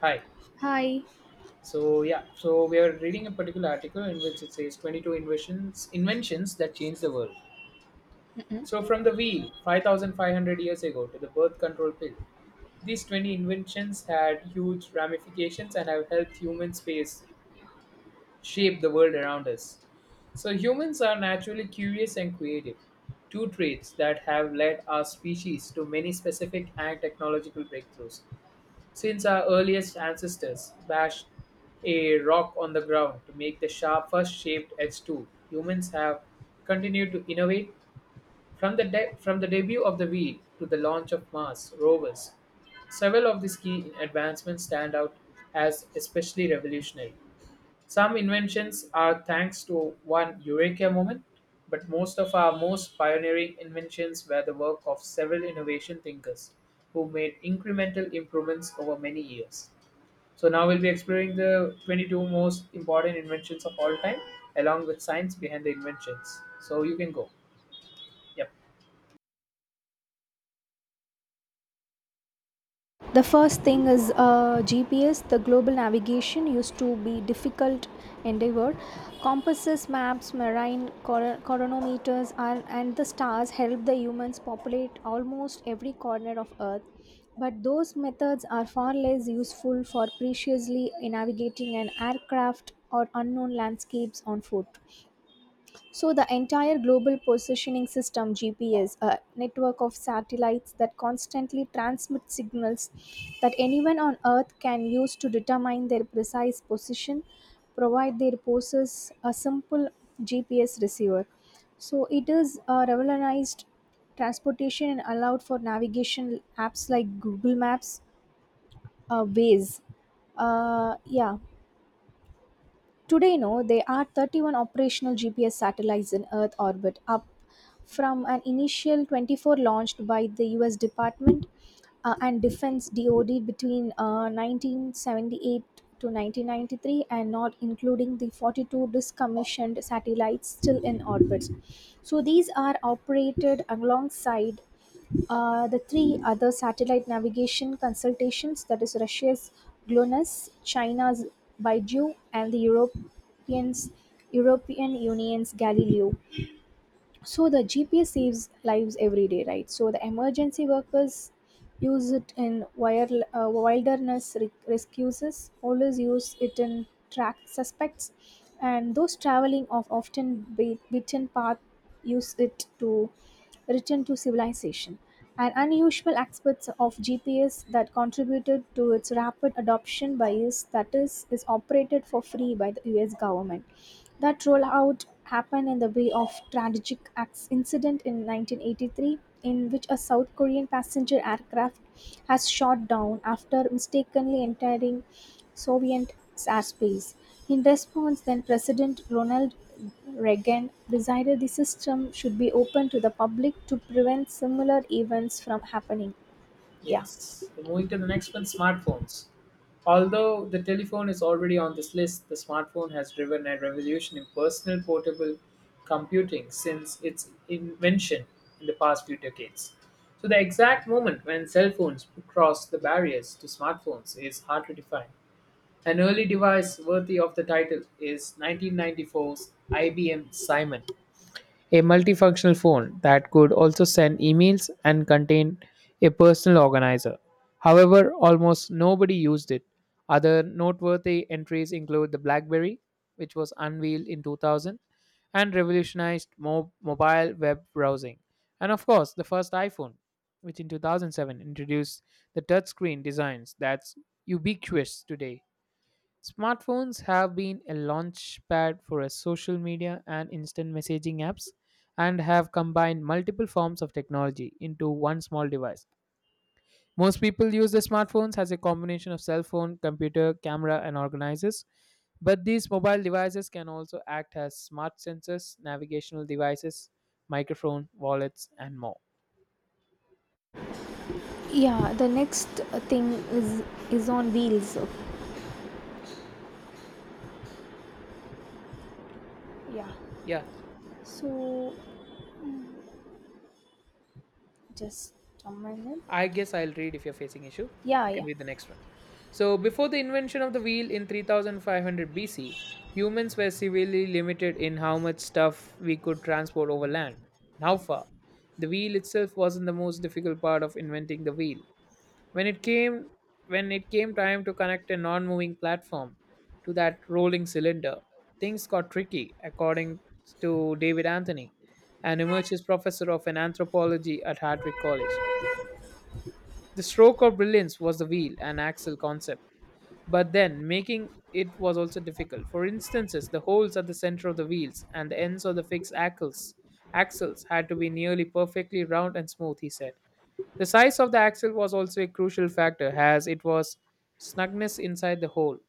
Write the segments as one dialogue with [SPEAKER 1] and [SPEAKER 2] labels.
[SPEAKER 1] Hi.
[SPEAKER 2] Hi.
[SPEAKER 1] So yeah, so we are reading a particular article in which it says 22 inventions that changed the world.
[SPEAKER 2] Mm-mm.
[SPEAKER 1] So from the wheel 5500 years ago to the birth control pill, these 20 inventions had huge ramifications and have helped human space shape the world around us. So humans are naturally curious and creative, two traits that have led our species to many specific and technological breakthroughs. Since our earliest ancestors bashed a rock on the ground to make the sharp first shaped edge tool, humans have continued to innovate. From the debut of the wheel to the launch of Mars rovers, several of these key advancements stand out as especially revolutionary. Some inventions are thanks to one eureka moment, but most of our most pioneering inventions were the work of several innovation thinkers who made incremental improvements over many years. So now we'll be exploring the 22 most important inventions of all time along with science behind the inventions. So you can go. Yep.
[SPEAKER 2] The first thing is GPS. The global navigation used to be difficult endeavor. Compasses, maps, chronometers, and the stars help the humans populate almost every corner of Earth. But those methods are far less useful for preciously navigating an aircraft or unknown landscapes on foot. So the entire global positioning system GPS, a network of satellites that constantly transmit signals that anyone on earth can use to determine their precise position, provide their poses a simple GPS receiver. So it is a revolutionized transportation and allowed for navigation apps like Google Maps, Waze. Yeah, today, no, there are 31 operational GPS satellites in Earth orbit, up from an initial 24 launched by the US Department and Defense DoD between 1978 to 1993, and not including the 42 decommissioned satellites still in orbit. So these are operated alongside the three other satellite navigation consultations, that is, Russia's GLONASS, China's Beidou and the European Union's Galileo. So the GPS saves lives every day, right? So the emergency workers use it in wilderness rescues, always use it in track suspects, and those traveling off often beaten path use it to return to civilization. An unusual aspect of GPS that contributed to its rapid adoption by U.S., that is operated for free by the US government. That rollout happened in the wake of tragic incident in 1983, in which a South Korean passenger aircraft has shot down after mistakenly entering Soviet airspace. In response, then-President Ronald Reagan decided the system should be open to the public to prevent similar events from happening. Yeah.
[SPEAKER 1] Yes. Moving to the next one, smartphones. Although the telephone is already on this list, the smartphone has driven a revolution in personal portable computing since its invention in the past few decades. So, the exact moment when cell phones crossed the barriers to smartphones is hard to define. An early device worthy of the title is nineteen ninety four's IBM Simon, a multifunctional phone that could also send emails and contain a personal organizer. However, almost nobody used it. Other noteworthy entries include the BlackBerry, which was unveiled in 2000 and revolutionized mobile web browsing, and of course, the first iPhone, which in 2007 introduced the touchscreen designs that's ubiquitous today. Smartphones have been a launchpad for a social media and instant messaging apps and have combined multiple forms of technology into one small device. Most people use their smartphones as a combination of cell phone, computer, camera, and organizers. But these mobile devices can also act as smart sensors, navigational devices, microphone, wallets, and more.
[SPEAKER 2] Yeah, the next thing is is on wheels. Yeah.
[SPEAKER 1] Yeah.
[SPEAKER 2] So just a minute.
[SPEAKER 1] I guess I'll read if you're facing issue.
[SPEAKER 2] Yeah,
[SPEAKER 1] You can
[SPEAKER 2] yeah.
[SPEAKER 1] read the next one. So, before the invention of the wheel in 3500 BC, humans were severely limited in how much stuff we could transport over land and how far. The wheel itself wasn't the most difficult part of inventing the wheel. When it came when it came time to connect a non-moving platform to that rolling cylinder, things got tricky according to David Anthony, an emeritus professor of an anthropology at Hartwick College. The stroke of brilliance was the wheel and axle concept, but then making it was also difficult. For instances, the holes at the center of the wheels and the ends of the fixed axles had to be nearly perfectly round and smooth, he said. The size of the axle was also a crucial factor, as it was snugness inside the hole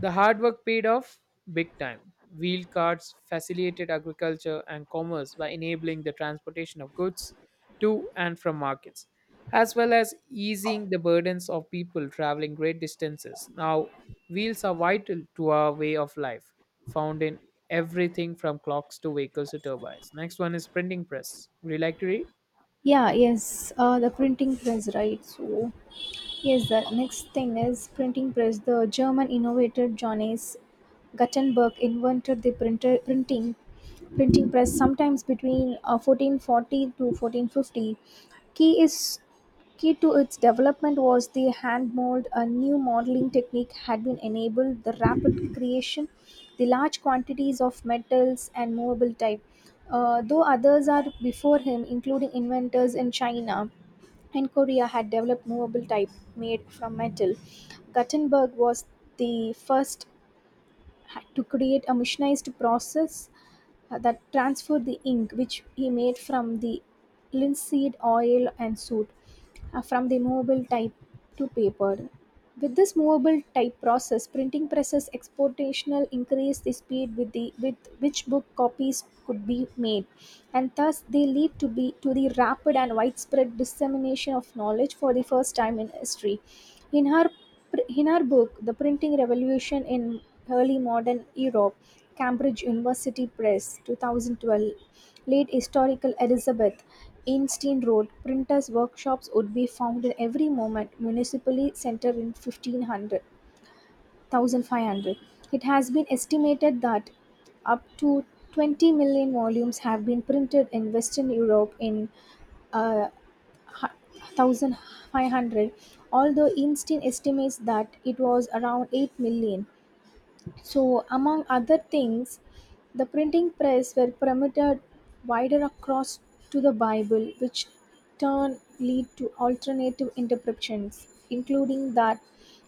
[SPEAKER 1] the hard work paid off big time. Wheel carts facilitated agriculture and commerce by enabling the transportation of goods to and from markets, as well as easing the burdens of people traveling great distances. Now, wheels are vital to our way of life, found in everything from clocks to vehicles to turbines. Next one is printing press. Would you like to read?
[SPEAKER 2] Yeah, yes. The printing press, right? So yes, the next thing is printing press. The German innovator Johannes Gutenberg invented the printer printing printing press sometimes between 1440 to 1450. Key is Key to its development was the hand mold. A new modeling technique had been enabled. The rapid creation, the large quantities of metals and movable type. Though others are before him, including inventors in China and Korea had developed movable type made from metal. Gutenberg was the first to create a machinized process that transferred the ink, which he made from the linseed oil and soot, from the movable type to paper. With this movable type process, printing presses exponentially increased the speed with which book copies could be made, and thus they lead to the rapid and widespread dissemination of knowledge for the first time in history. In her, in her book, The Printing Revolution in Early Modern Europe, Cambridge University Press, 2012, late historical Elizabeth Einstein wrote, "Printers' workshops would be found in every moment municipally center in 1500. It has been estimated that up to 20 million volumes have been printed in Western Europe in uh, hu- 1500, although Einstein estimates that it was around 8 million." So, among other things, the printing press were permitted wider across to the Bible, which turn lead to alternative interpretations, including that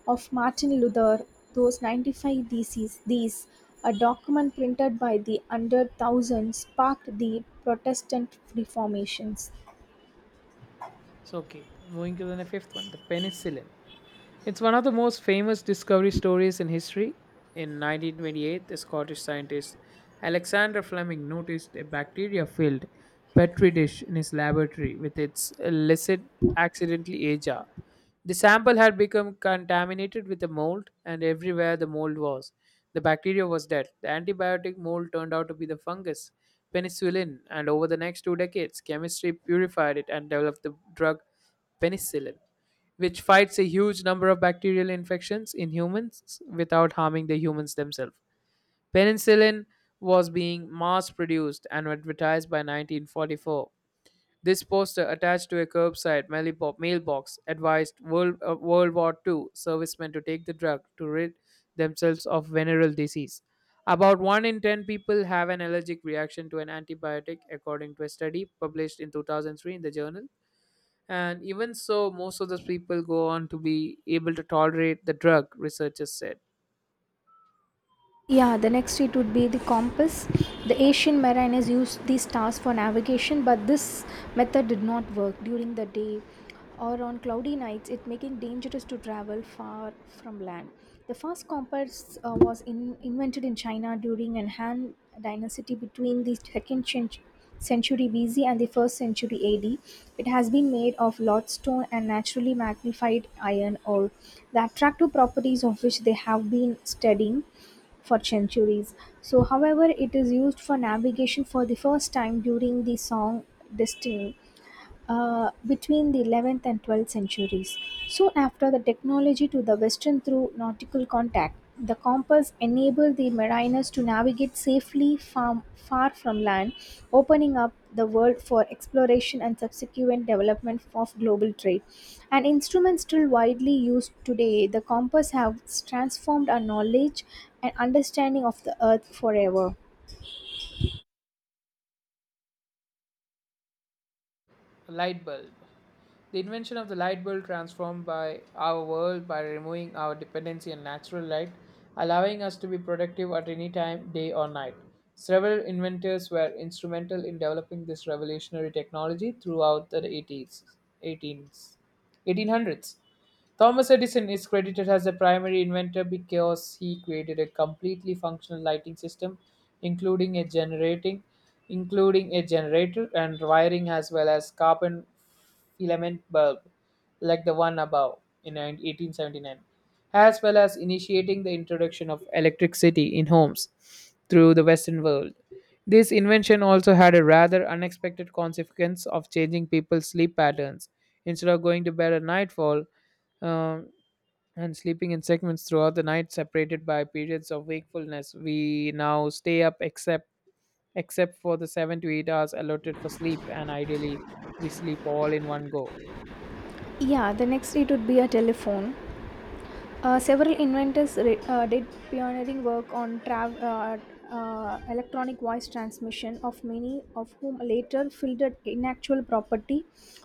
[SPEAKER 2] of Martin Luther, those 95 theses. These, a document printed by the under thousand, sparked the Protestant reformations.
[SPEAKER 1] So, okay, moving to the fifth one, the penicillin. It's one of the most famous discovery stories in history. In 1928, the Scottish scientist Alexander Fleming noticed a bacteria filled Petri dish in his laboratory with its illicit accidentally ajar. The sample had become contaminated with a mold, and everywhere the mold was. The bacteria was dead. The antibiotic mold turned out to be the fungus, penicillin, and over the next 2 decades, chemistry purified it and developed the drug penicillin, which fights a huge number of bacterial infections in humans without harming the humans themselves. Penicillin was being mass produced and advertised by 1944. This poster attached to a curbside mailbox advised World War II servicemen to take the drug to rid themselves of venereal disease. About 1 in 10 people have an allergic reaction to an antibiotic, according to a study published in 2003 in the journal and even so, most of those people go on to be able to tolerate the drug, researchers said.
[SPEAKER 2] Yeah, the next it would be the compass. The ancient mariners used these stars for navigation, but this method did not work during the day or on cloudy nights, it making dangerous to travel far from land. The first compass was invented in China during an Han dynasty between the second century BC and the 1st century AD. It has been made of lodestone and naturally magnified iron ore, the attractive properties of which they have been studying for centuries. So, however, it is used for navigation for the first time during the song Destiny between the 11th and 12th centuries. Soon after the technology to the western through nautical contact, the compass enabled the mariners to navigate safely far from land, opening up the world for exploration and subsequent development of global trade. An instrument still widely used today, the compass has transformed our knowledge and understanding of the earth forever.
[SPEAKER 1] A light bulb. The invention of the light bulb transformed by our world by removing our dependency on natural light, allowing us to be productive at any time, day or night. Several inventors were instrumental in developing this revolutionary technology throughout the 80s, 18s, 1800s. Thomas Edison is credited as the primary inventor because he created a completely functional lighting system, including a generating, including a generator and wiring as well as carbon filament bulb, like the one above in 1879, as well as initiating the introduction of electricity in homes through the Western world. This invention also had a rather unexpected consequence of changing people's sleep patterns. Instead of going to bed at nightfall, um, and sleeping in segments throughout the night, separated by periods of wakefulness. We now stay up except for the 7 to 8 hours allotted for sleep, and ideally, we sleep all in one go.
[SPEAKER 2] Yeah, the next it would be a telephone. Several inventors did pioneering work on electronic voice transmission, of many of whom later fielded intellectual property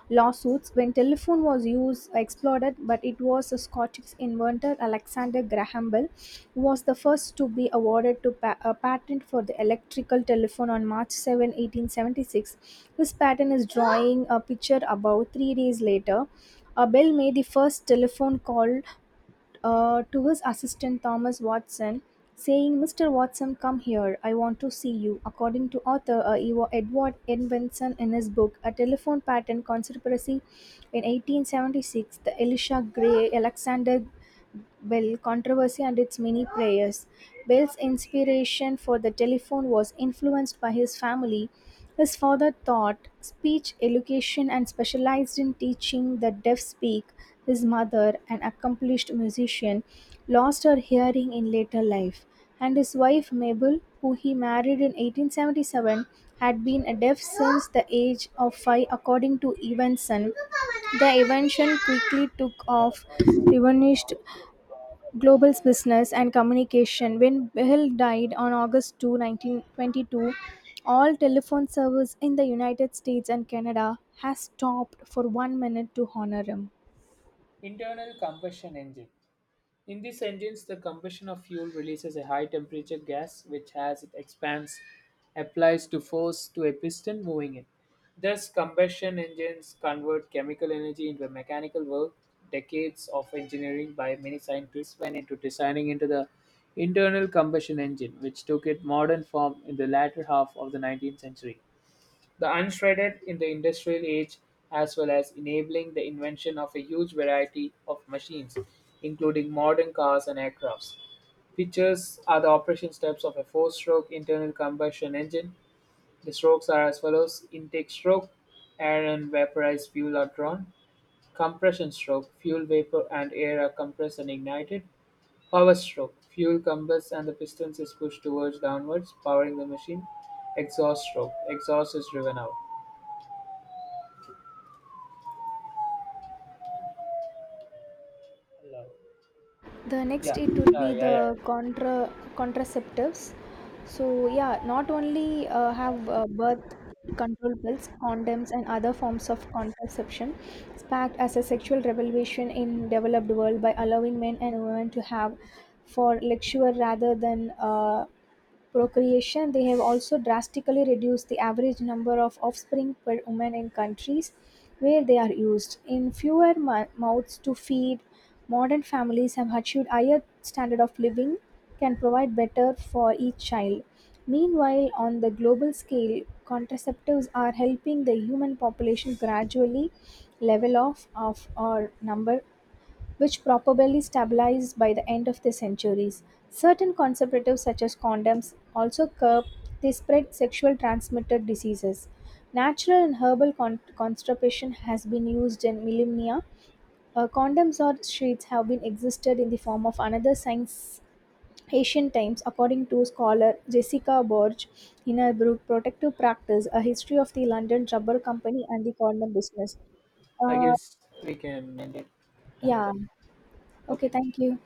[SPEAKER 2] lawsuits. When telephone was used, exploded, but it was the Scottish inventor Alexander Graham Bell who was the first to be awarded a patent for the electrical telephone on March 7, 1876. This patent is drawing a picture about 3 days later. Bell made the first telephone call to his assistant Thomas Watson, saying, "Mr. Watson, come here, I want to see you." According to author Edward N. Benson, in his book, A Telephone Pattern Conspiracy in 1876, the Elisha Gray, Alexander Bell controversy and its many players. Bell's inspiration for the telephone was influenced by his family. His father taught speech education and specialized in teaching the deaf speak. His mother, an accomplished musician, lost her hearing in later life, and his wife Mabel, who he married in 1877, had been a deaf since the age of 5, according to Evanson. The invention quickly took
[SPEAKER 1] A lot of
[SPEAKER 2] off,
[SPEAKER 1] noise.
[SPEAKER 2] revenished Global's business and communication. When Bell died on August 2, 1922, all telephone service in the United States and Canada has stopped for 1 minute to honor him.
[SPEAKER 1] Internal combustion engine. In these engines, the combustion of fuel releases a high temperature gas, which, as it expands, applies to force to a piston moving it. Thus, combustion engines convert chemical energy into mechanical work. Decades of engineering by many scientists went into designing into the internal combustion engine, which took its modern form in the latter half of the 19th century. The unshredded in the industrial age as well as enabling the invention of a huge variety of machines including modern cars and aircrafts. Features are the operation steps of a four-stroke internal combustion engine. The strokes are as follows: intake stroke, air and vaporized fuel are drawn; compression stroke, fuel vapor and air are compressed and ignited; power stroke, fuel combusts and the pistons is pushed towards downwards, powering the machine; exhaust stroke, exhaust is driven out. Love.
[SPEAKER 2] The next
[SPEAKER 1] Yeah.
[SPEAKER 2] it would be
[SPEAKER 1] Yeah.
[SPEAKER 2] the
[SPEAKER 1] Yeah.
[SPEAKER 2] contraceptives. So yeah, not only have birth control pills, condoms and other forms of contraception sparked as a sexual revolution in developed world by allowing men and women to have for luxury rather than procreation, they have also drastically reduced the average number of offspring per woman in countries where they are used. In fewer mouths to feed, modern families have achieved higher standard of living, can provide better for each child. Meanwhile, on the global scale, contraceptives are helping the human population gradually level off of our number, which probably stabilized by the end of the centuries. Certain contraceptives, such as condoms, also curb the spread sexual transmitted diseases. Natural and herbal contraception has been used in millennia. Condoms or sheets have been existed in the form of another science ancient times, according to scholar Jessica Borge in her book Protective Practice, A History of the London Rubber Company and the Condom Business.
[SPEAKER 1] I
[SPEAKER 2] Uh,
[SPEAKER 1] guess we can end it. Time's
[SPEAKER 2] yeah.
[SPEAKER 1] up.
[SPEAKER 2] Okay,
[SPEAKER 1] Okay.
[SPEAKER 2] thank you.